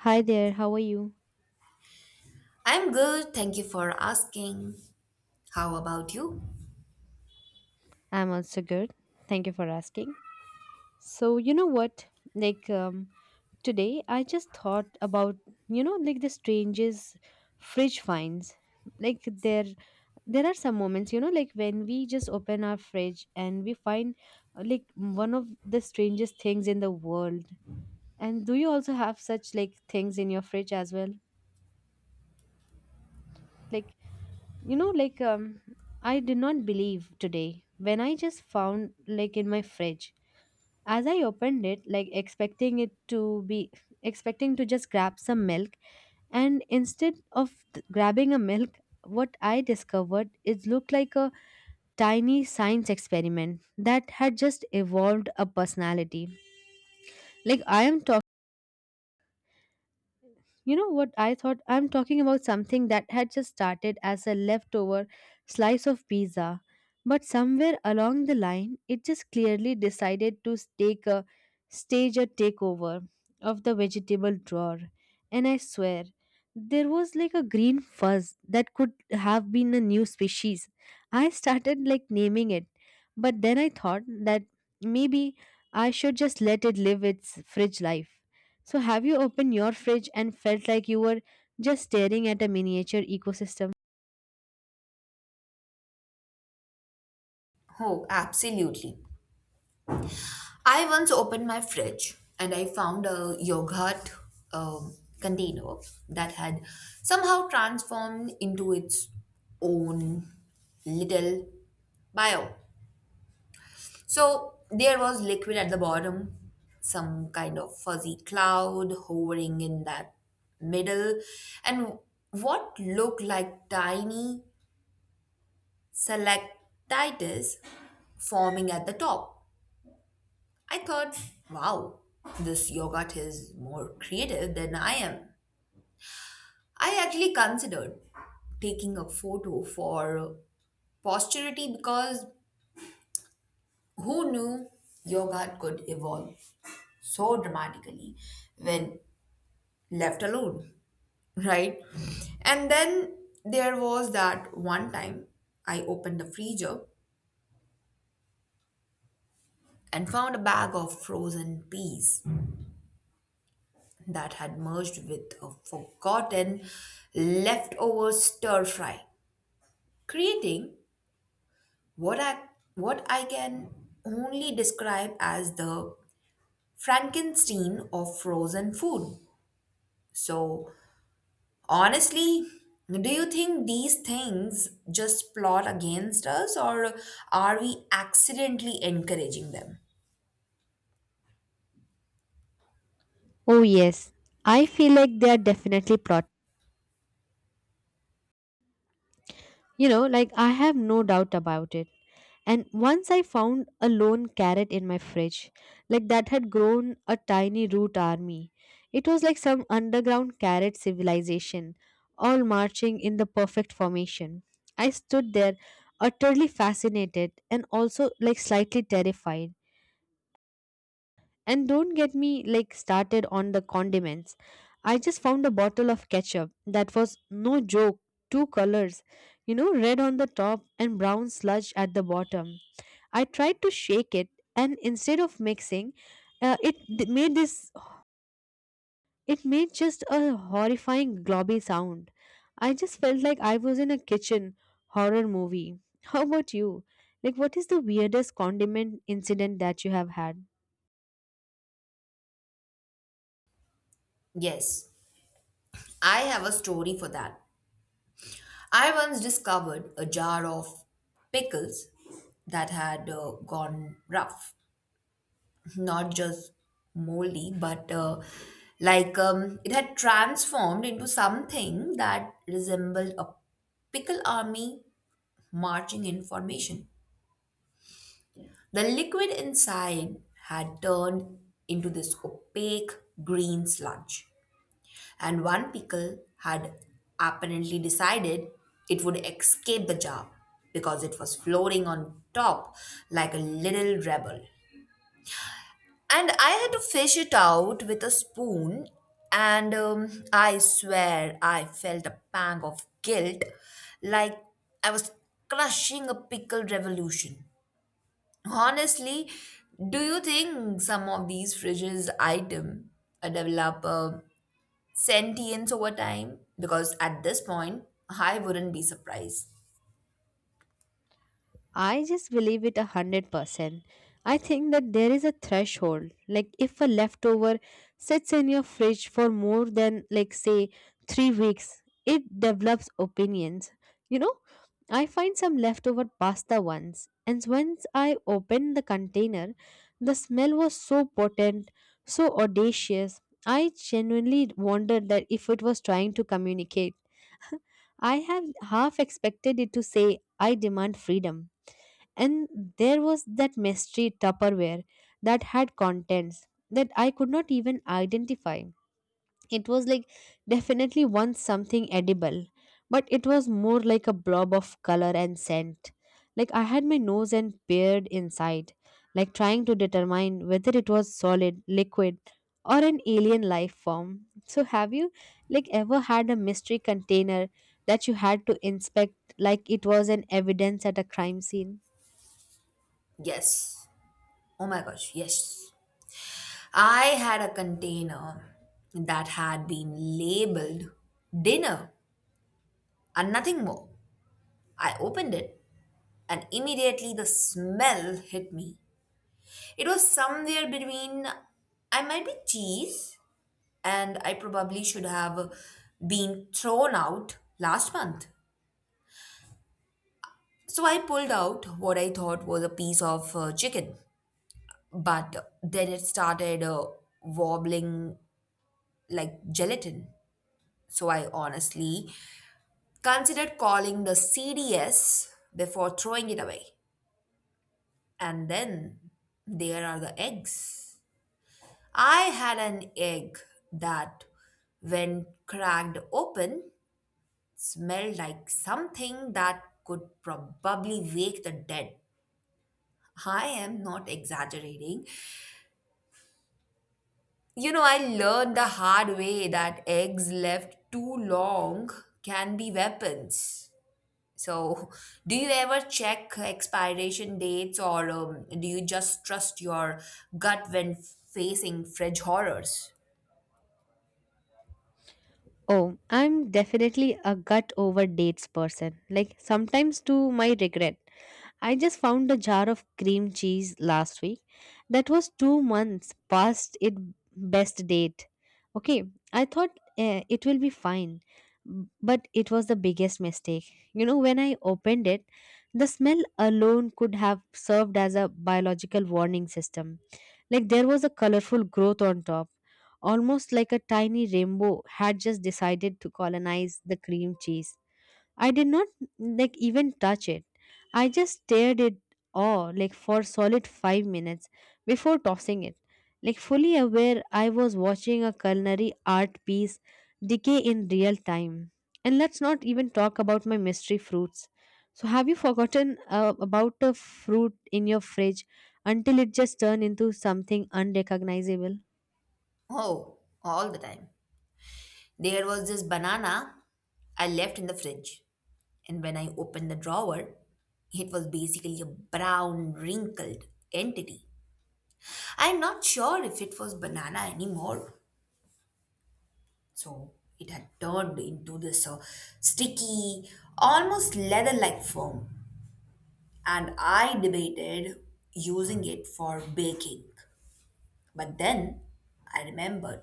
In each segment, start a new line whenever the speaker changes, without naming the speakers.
Hi there, how are you?
I'm good, thank you for asking. How about you?
I'm also good. Thank you for asking. So, you know what? Like, um, today I just thought about, like the strangest fridge finds. Like, there are some moments, you know, like when we just open our fridge and we find like one of the strangest things in the world. And do you also have such like things in your fridge as well? Like, you know, like, um, I did not believe today when I just found like in my fridge. As I opened it, like expecting it to be expecting to just grab some milk, and instead of grabbing a milk, what I discovered it looked like a tiny science experiment that had just evolved a personality. Like I am talking. You know what I thought? I'm talking about something that had just started as a leftover slice of pizza, but somewhere along the line, it just clearly decided to take a stage a takeover of the vegetable drawer. And I swear, there was like a green fuzz that could have been a new species. I started like naming it, but then I thought that maybe I should just let it live its fridge life. So, have you opened your fridge and felt like you were just staring at a miniature ecosystem?
Oh, absolutely. I once opened my fridge and I found a yogurt container that had somehow transformed into its own little bio. So there was liquid at the bottom, some kind of fuzzy cloud hovering in that middle, and what looked like tiny selectitis forming at the top. I thought, wow, this yogurt is more creative than I am. I actually considered taking a photo for posterity because who knew yogurt could evolve so dramatically when left alone, right? And then there was that one time I opened the freezer and found a bag of frozen peas that had merged with a forgotten leftover stir fry, creating what I what I can only describe as the Frankenstein of frozen food. So honestly, do you think these things just plot against us or are we accidentally encouraging them?
Oh, yes. I feel like they are definitely plot. You know, like I have no doubt about it. And once I found a lone carrot in my fridge, like that had grown a tiny root army. It was like some underground carrot civilization, all marching in the perfect formation. I stood there, utterly fascinated and also like slightly terrified. And don't get me like started on the condiments. I just found a bottle of ketchup that was no joke, two colors, you know, red on the top and brown sludge at the bottom. I tried to shake it and instead of mixing, uh, it d- made this it made just a horrifying globby sound. I just felt like I was in a kitchen horror movie. How about you? Like what is the weirdest condiment incident that you have had?
Yes, I have a story for that. I once discovered a jar of pickles that had gone rough, not just moldy, but it had transformed into something that resembled a pickle army marching in formation. The liquid inside had turned into this opaque green sludge, and one pickle had apparently decided it would escape the jar because it was floating on top like a little rebel. And I had to fish it out with a spoon, and I swear I felt a pang of guilt like I was crushing a pickle revolution. Honestly, do you think some of these fridges item develop a sentience over time? Because at this point, I wouldn't be surprised.
I just believe it 100%. I think that there is a threshold. Like if a leftover sits in your fridge for more than like say 3 weeks, it develops opinions. You know, I find some leftover pasta once, and once I opened the container, the smell was so potent, so audacious. I genuinely wondered that if it was trying to communicate. I have half expected it to say, I demand freedom. And there was that mystery tupperware that had contents that I could not even identify. It was like definitely once something edible, but it was more like a blob of color and scent. Like I had my nose and beard inside, like trying to determine whether it was solid, liquid, or an alien life form. So have you like ever had a mystery container that you had to inspect like it was an evidence at a crime scene?
Yes. Oh my gosh, yes. I had a container that had been labeled dinner and nothing more. I opened it and immediately the smell hit me. It was somewhere between I might be cheese and I probably should have been thrown out last month. So I pulled out what I thought was a piece of chicken, but then it started wobbling like gelatin. So I honestly consider calling the CDS before throwing it away. And then there are the eggs. I had an egg that, when cracked open, smelled like something that could probably wake the dead. I am not exaggerating. You know, I learned the hard way that eggs left too long can be weapons. So, do you ever check expiration dates or do you just trust your gut when facing fridge horrors?
Oh, I'm definitely a gut over dates person. Like sometimes to my regret. I just found a jar of cream cheese last week that was 2 months past its best date. Okay, I thought eh, it will be fine, but it was the biggest mistake. You know, when I opened it, the smell alone could have served as a biological warning system. Like there was a colorful growth on top, almost like a tiny rainbow had just decided to colonize the cream cheese. I did not like even touch it. I just stared it awe like for solid 5 minutes before tossing it. Like fully aware I was watching a culinary art piece decay in real time. And let's not even talk about my mystery fruits. So have you forgotten about a fruit in your fridge until it just turned into something unrecognizable?
Oh, all the time. There was this banana I left in the fridge, and when I opened the drawer, it was basically a brown, wrinkled entity. I'm not sure if it was banana anymore. So, it had turned into this sticky, almost leather like foam. And I debated using it for baking. But then I remembered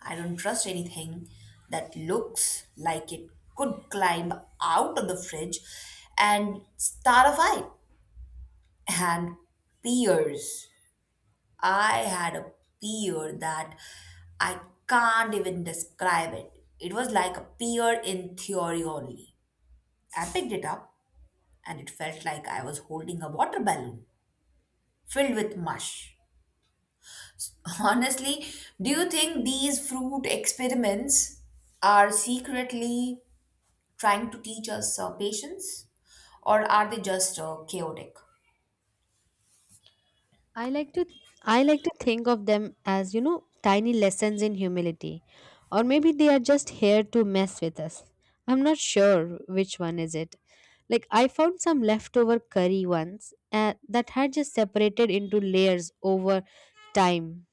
I don't trust anything that looks like it could climb out of the fridge and start a fight. And peers. I had a peer that I can't even describe it. It was like a peer in theory only. I picked it up and it felt like I was holding a water balloon filled with mush. Honestly, do you think these fruit experiments are secretly trying to teach us patience? Or are they just chaotic?
I like to I like to think of them as, you know, tiny lessons in humility. Or maybe they are just here to mess with us. I'm not sure which one is it. Like I found some leftover curry once that had just separated into layers over time.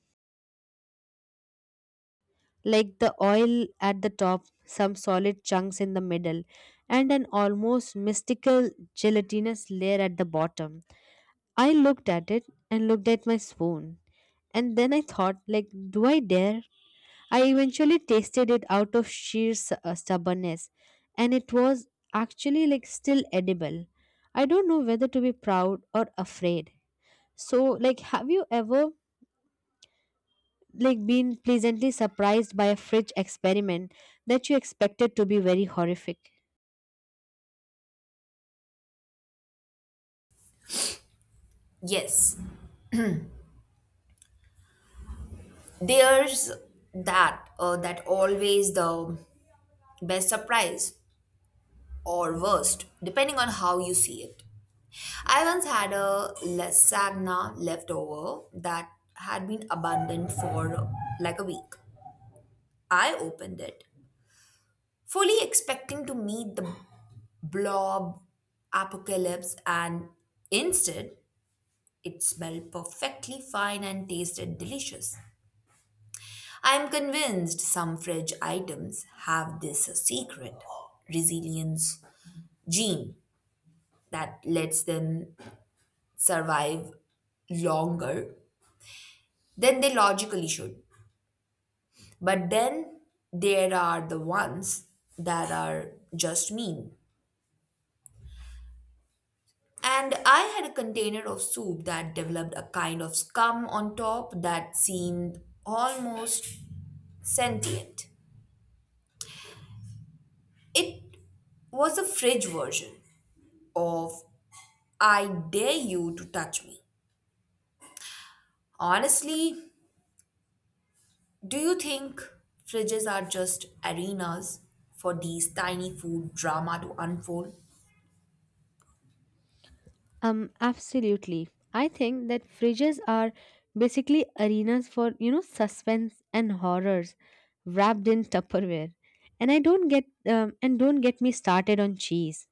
Like the oil at the top, some solid chunks in the middle, and an almost mystical gelatinous layer at the bottom. I looked at it and looked at my spoon. And then I thought, like, do I dare? I eventually tasted it out of sheer stubbornness, and it was actually like still edible. I don't know whether to be proud or afraid. So, like, have you ever like been pleasantly surprised by a fridge experiment that you expected to be very horrific?
Yes, there's that always the best surprise or worst, depending on how you see it. I once had a lasagna leftover that had been abandoned for like a week. I opened it, fully expecting to meet the blob, apocalypse, and instead it smelled perfectly fine and tasted delicious. I am convinced some fridge items have this secret resilience gene that lets them survive longer than they logically should. But then there are the ones that are just mean. And I had a container of soup that developed a kind of scum on top that seemed almost sentient. It was a fridge version of I dare you to touch me. Honestly, do you think fridges are just arenas for these tiny food drama to unfold?
Absolutely. I think that fridges are basically arenas for, you know, suspense and horrors wrapped in Tupperware. And don't get me started on cheese.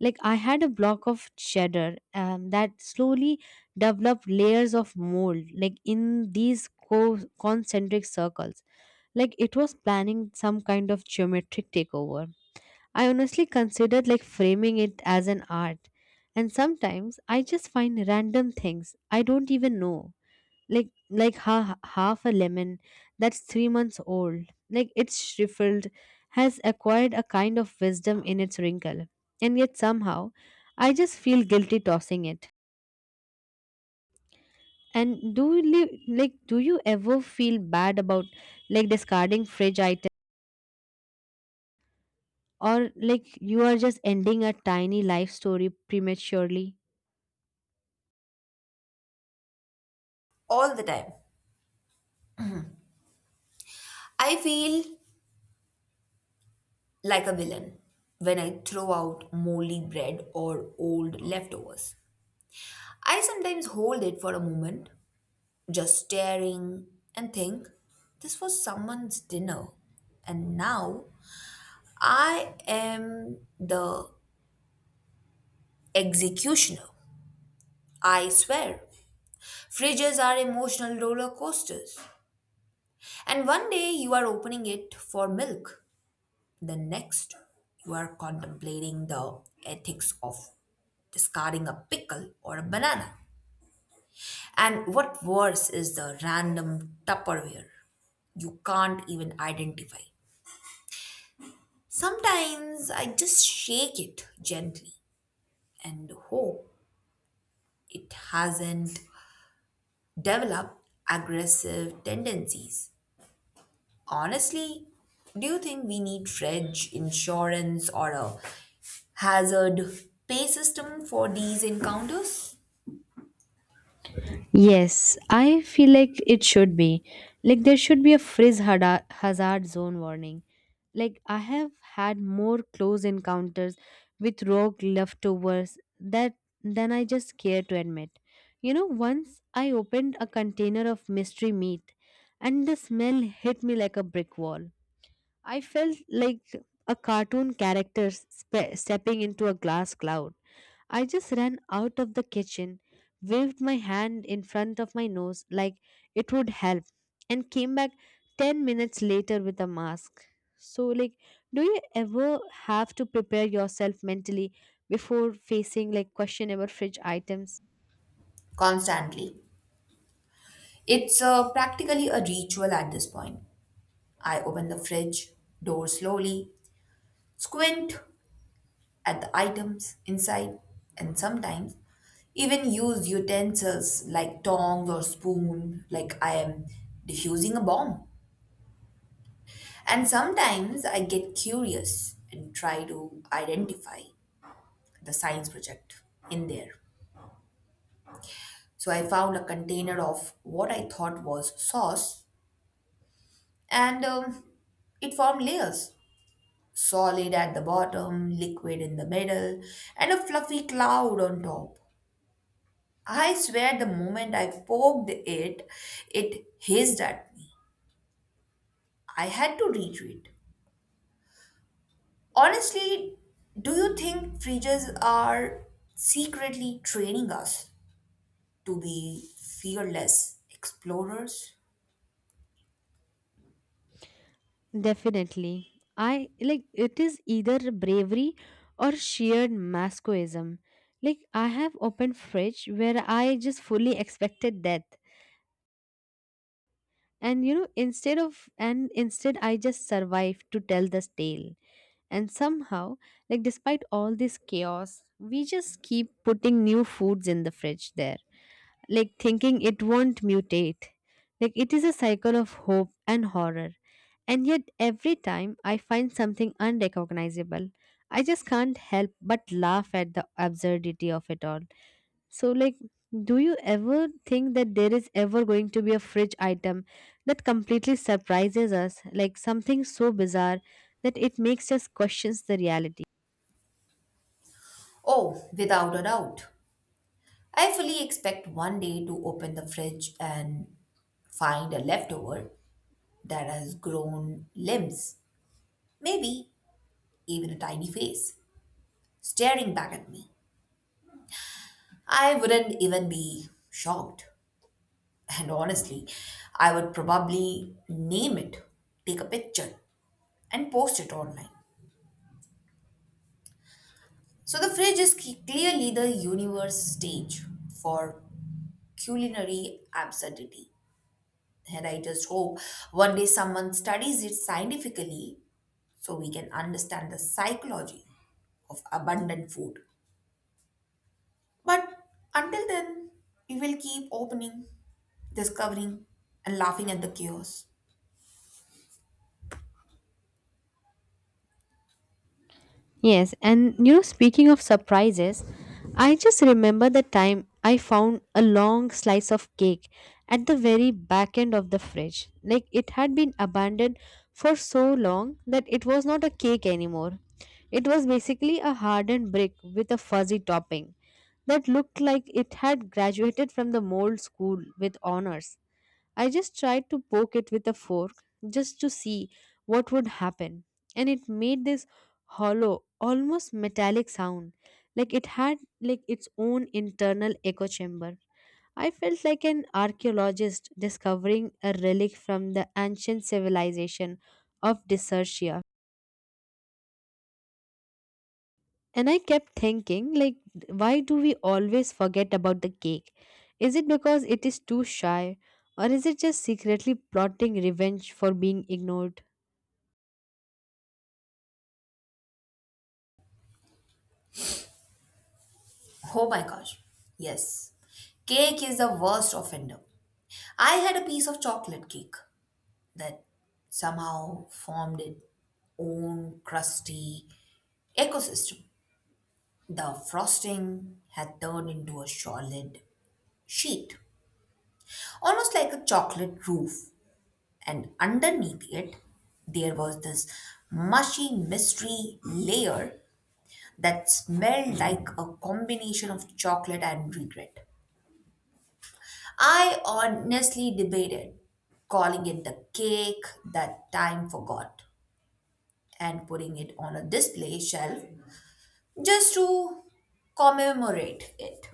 Like I had a block of cheddar that slowly developed layers of mold, like in these concentric circles. Like it was planning some kind of geometric takeover. I honestly considered like framing it as an art. And sometimes I just find random things I don't even know. Like half a lemon that's 3 months old. Like it's shriveled has acquired a kind of wisdom in its wrinkle. And yet somehow I just feel guilty tossing it. And do you like do you ever feel bad about like discarding fridge items or like you are just ending a tiny life story prematurely?
All the time. I feel like a villain when I throw out moldy bread or old leftovers. I sometimes hold it for a moment, just staring, and think, this was someone's dinner, and now I am the executioner. I swear. Fridges are emotional roller coasters. And one day you are opening it for milk, the next you are contemplating the ethics of discarding a pickle or a banana. And what worse is the random Tupperware you can't even identify. Sometimes I just shake it gently and hope it hasn't developed aggressive tendencies. Honestly, do you think we need fridge insurance or a hazard pay system for these encounters?
Yes, I feel like it should be. Like there should be a hazard zone warning. Like I have had more close encounters with rogue leftovers that than I just care to admit. You know, once I opened a container of mystery meat and the smell hit me like a brick wall. I felt like a cartoon character stepping into a glass cloud. I just ran out of the kitchen, waved my hand in front of my nose like it would help, and came back 10 minutes later with a mask. So, like, do you ever have to prepare yourself mentally before facing like questionable fridge items?
Constantly. It's practically a ritual at this point. I open the fridge door slowly, squint at the items inside, and sometimes even use utensils like tongs or spoon, like I am diffusing a bomb. And sometimes I get curious and try to identify the science project in there. So I found a container of what I thought was sauce, and it formed layers solid at the bottom, liquid in the middle, and a fluffy cloud on top. I swear the moment I poked it, it hissed at me. I had to retreat. Honestly, do you think fridges are secretly training us to be fearless explorers?
Definitely. I like it is either bravery or sheer masochism. Like I have opened fridge where I just fully expected death, and you know instead of and instead I just survived to tell this tale. And somehow, like despite all this chaos, we just keep putting new foods in the fridge there, like thinking it won't mutate. Like it is a cycle of hope and horror, and yet every time I find something unrecognizable, I just can't help but laugh at the absurdity of it all. So, like, do you ever think that there is ever going to be a fridge item that completely surprises us, like something so bizarre that it makes us question the reality?
Oh, without a doubt. I fully expect one day to open the fridge and find a leftover that has grown limbs, maybe even a tiny face, staring back at me. I wouldn't even be shocked. And honestly, I would probably name it, take a picture, and post it online. So the fridge is clearly the universe stage for culinary absurdity. And I just hope one day someone studies it scientifically so we can understand the psychology of abundant food. But until then, we will keep opening, discovering, and laughing at the chaos.
Yes, and you know, speaking of surprises, I just remember the time I found a long slice of cake at the very back end of the fridge. Like it had been abandoned for so long that it was not a cake anymore. It was basically a hardened brick with a fuzzy topping that looked like it had graduated from the mold school with honors. I just tried to poke it with a fork just to see what would happen, and it made this hollow, almost metallic sound, like it had like its own internal echo chamber. I felt like an archaeologist discovering a relic from the ancient civilization of Desertia. And I kept thinking, like, why do we always forget about the cake? Is it because it is too shy? Or is it just secretly plotting revenge for being ignored?
Oh my gosh. Yes. Cake is the worst offender. I had a piece of chocolate cake that somehow formed its own crusty ecosystem. The frosting had turned into a solid sheet, almost like a chocolate roof, and underneath it, there was this mushy mystery layer that smelled like a combination of chocolate and regret. I honestly debated calling it the cake that time forgot and putting it on a display shelf just to commemorate it.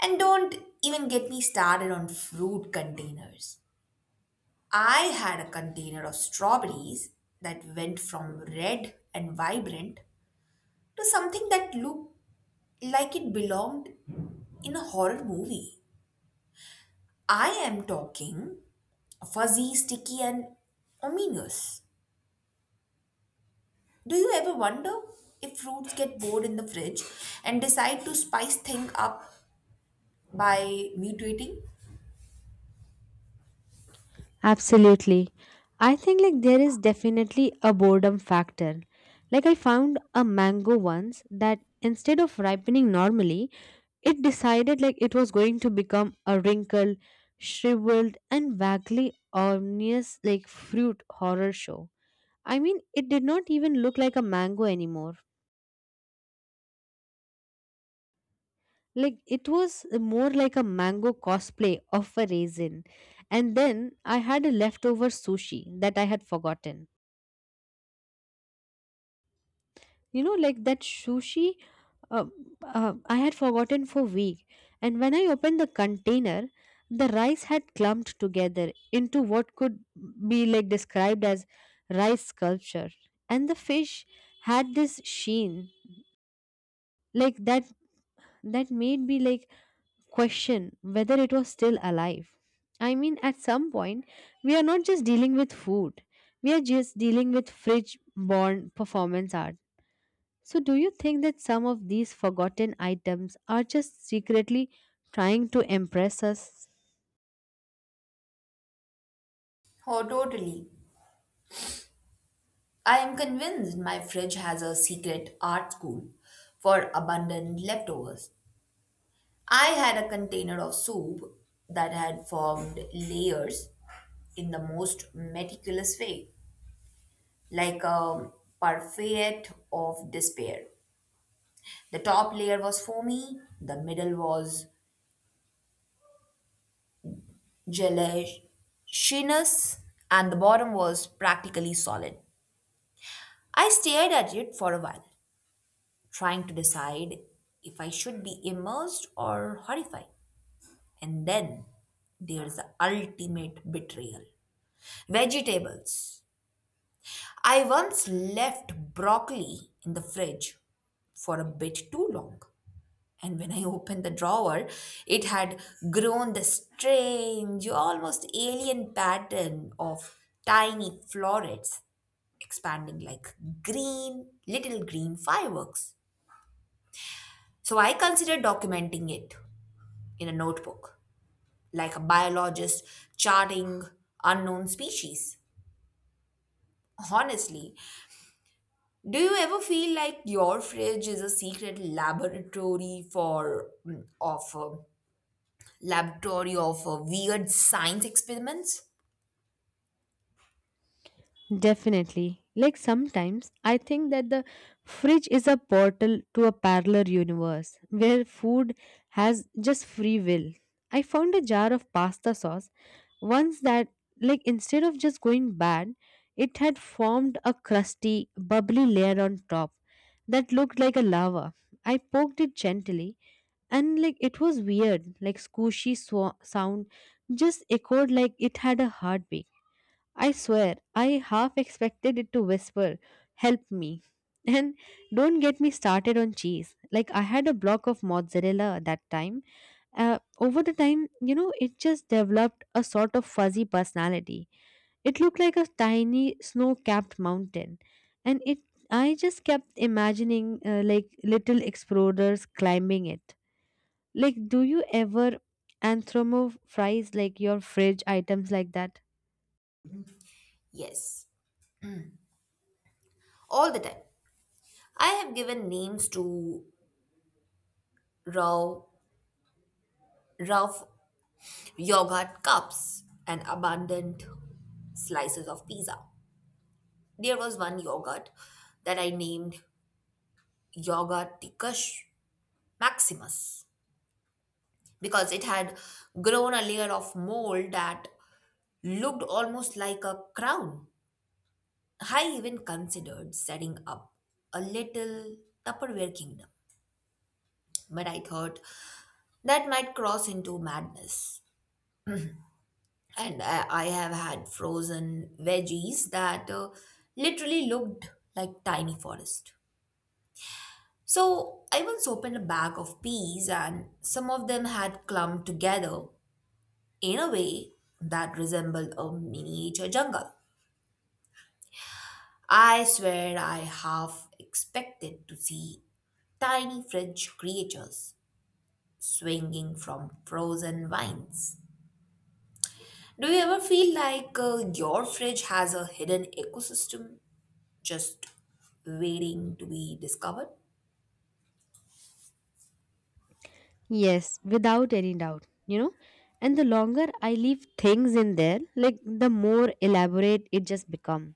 And don't even get me started on fruit containers. I had a container of strawberries that went from red and vibrant to something that looked like it belonged in a horror movie. I am talking fuzzy, sticky, and ominous. Do you ever wonder if fruits get bored in the fridge and decide to spice things up by mutating?
Absolutely. I think, like, there is definitely a boredom factor. Like, I found a mango once that instead of ripening normally, it decided like it was going to become a wrinkled, shriveled, and vaguely ominous like fruit horror show. I mean, it did not even look like a mango anymore. Like, it was more like a mango cosplay of a raisin. And then I had a leftover sushi that I had forgotten. You know, like that sushi uh, I had forgotten for week. And when I opened the container, the rice had clumped together into what could be like described as rice sculpture. And the fish had this sheen, like that that made me like question whether it was still alive. I mean, at some point, we are not just dealing with food, we are just dealing with fridge born performance art. So, do you think that some of these forgotten items are just secretly trying to impress us?
Oh, totally. I am convinced my fridge has a secret art school for abundant leftovers. I had a container of soup that had formed layers in the most meticulous way, like a parfait of despair. The top layer was foamy, the middle was gelatinous, and the bottom was practically solid. I stared at it for a while, trying to decide if I should be immersed or horrified. And then there's the ultimate betrayal vegetables. I once left broccoli in the fridge for a bit too long. And when I opened the drawer, it had grown the strange, almost alien pattern of tiny florets expanding like green, little green fireworks. So I considered documenting it in a notebook, like a biologist charting unknown species. Honestly, do you ever feel like your fridge is a secret laboratory for mm, of laboratory of weird science experiments.
Definitely. Like sometimes I think that the fridge is a portal to a parallel universe where food has just free will. I found a jar of pasta sauce once that like instead of just going bad, it had formed a crusty, bubbly layer on top that looked like a lava. I poked it gently and like it was weird, like squishy sw sound just echoed like it had a heartbeat. I swear, I half expected it to whisper, help me. And don't get me started on cheese. Like, I had a block of mozzarella at that time. Over the time, you know, it just developed a sort of fuzzy personality. It looked like a tiny snow capped mountain. And it I just kept imagining like little explorers climbing it. Like, do you ever anthropomorphize like your fridge items like that?
Yes, all the time. I have given names to raw, rough yogurt cups and abundant slices of pizza. There was one yogurt that I named Yogurticus Maximus because it had grown a layer of mold that looked almost like a crown. I even considered setting up a little Tupperware kingdom but I thought that might cross into madness. And I have had frozen veggies that literally looked like tiny forest. So I once opened a bag of peas, and some of them had clumped together in a way that resembled a miniature jungle. I swear I half expected to see tiny French creatures swinging from frozen vines. Do you ever feel like your fridge has a hidden ecosystem just waiting to be discovered?
Yes, without any doubt, you know. And the longer I leave things in there, like the more elaborate it just become.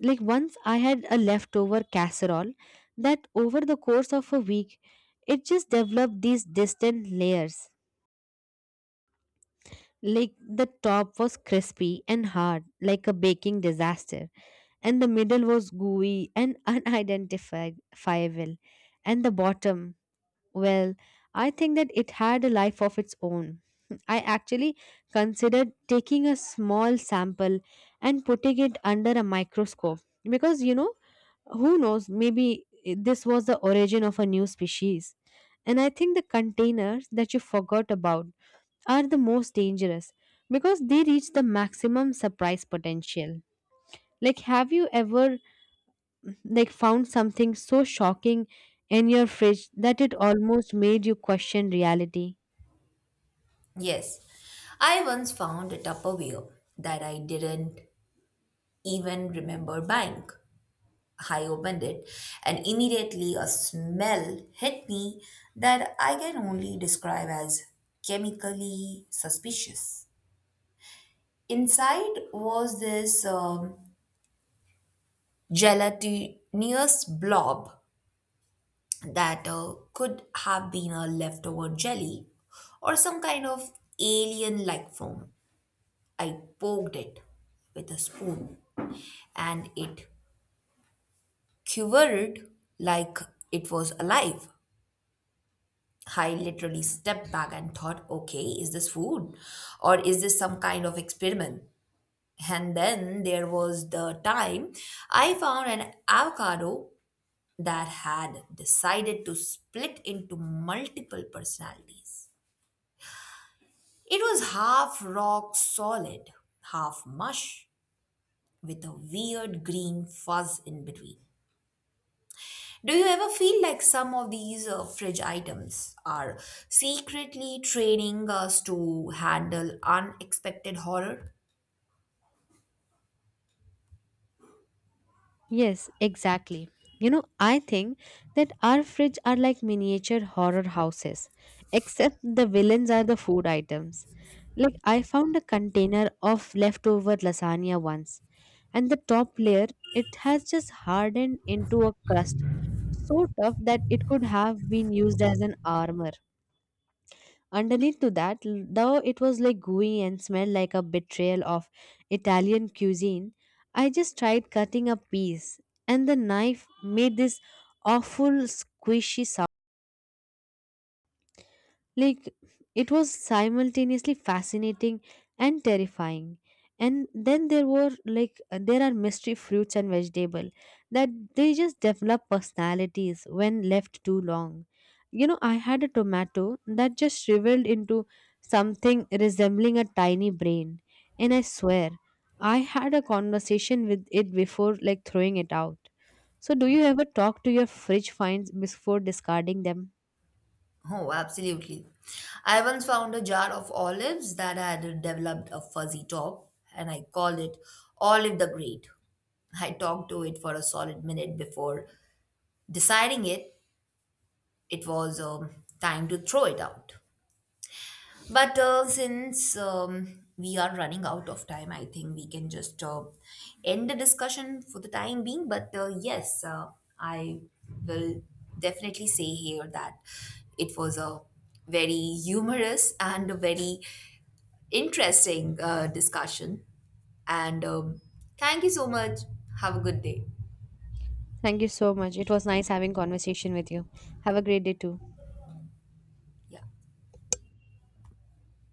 Like once I had a leftover casserole that over the course of a week, it just developed these distant layers. Like the top was crispy and hard, like a baking disaster, and the middle was gooey and unidentifiable, and the bottom. Well, I think that it had a life of its own. I actually considered taking a small sample and putting it under a microscope because you know, who knows, maybe this was the origin of a new species. And I think the containers that you forgot about are the most dangerous because they reach the maximum surprise potential. Like, have you ever like found something so shocking in your fridge that it almost made you question reality?
Yes, I once found a Tupperware that I didn't even remember buying. I opened it and immediately a smell hit me that I can only describe as chemically suspicious. Inside was this gelatinous blob that could have been a leftover jelly or some kind of alien like foam. I poked it with a spoon and it quivered like it was alive. I literally stepped back and thought, okay, is this food or is this some kind of experiment? And then there was the time I found an avocado that had decided to split into multiple personalities. It was half rock solid, half mush, with a weird green fuzz in between. Do you ever feel like some of these fridge items are secretly training us to handle unexpected horror?
Yes, exactly. You know, I think that our fridge are like miniature horror houses, except the villains are the food items. Like, I found a container of leftover lasagna once, and the top layer it has just hardened into a crust so tough that it could have been used as an armor. Underneath to that, though it was like gooey and smelled like a betrayal of Italian cuisine, I just tried cutting a piece, and the knife made this awful squishy sound like, it was simultaneously fascinating and terrifying. And then there were like there are mystery fruits and vegetable that they just develop personalities when left too long. You know, I had a tomato that just shriveled into something resembling a tiny brain, and I swear I had a conversation with it before like throwing it out. So, do you ever talk to your fridge finds before discarding them?
Oh, absolutely. I once found a jar of olives that had developed a fuzzy top, and I called it Olive the Great. I talked to it for a solid minute before deciding it was time to throw it out. But since we are running out of time, I think we can just end the discussion for the time being. But yes, I will definitely say here that it was a very humorous and a very interesting discussion. And thank you so much. Have a good day.
Thank you so much. It was nice having conversation with you. Have a great day too.
Yeah.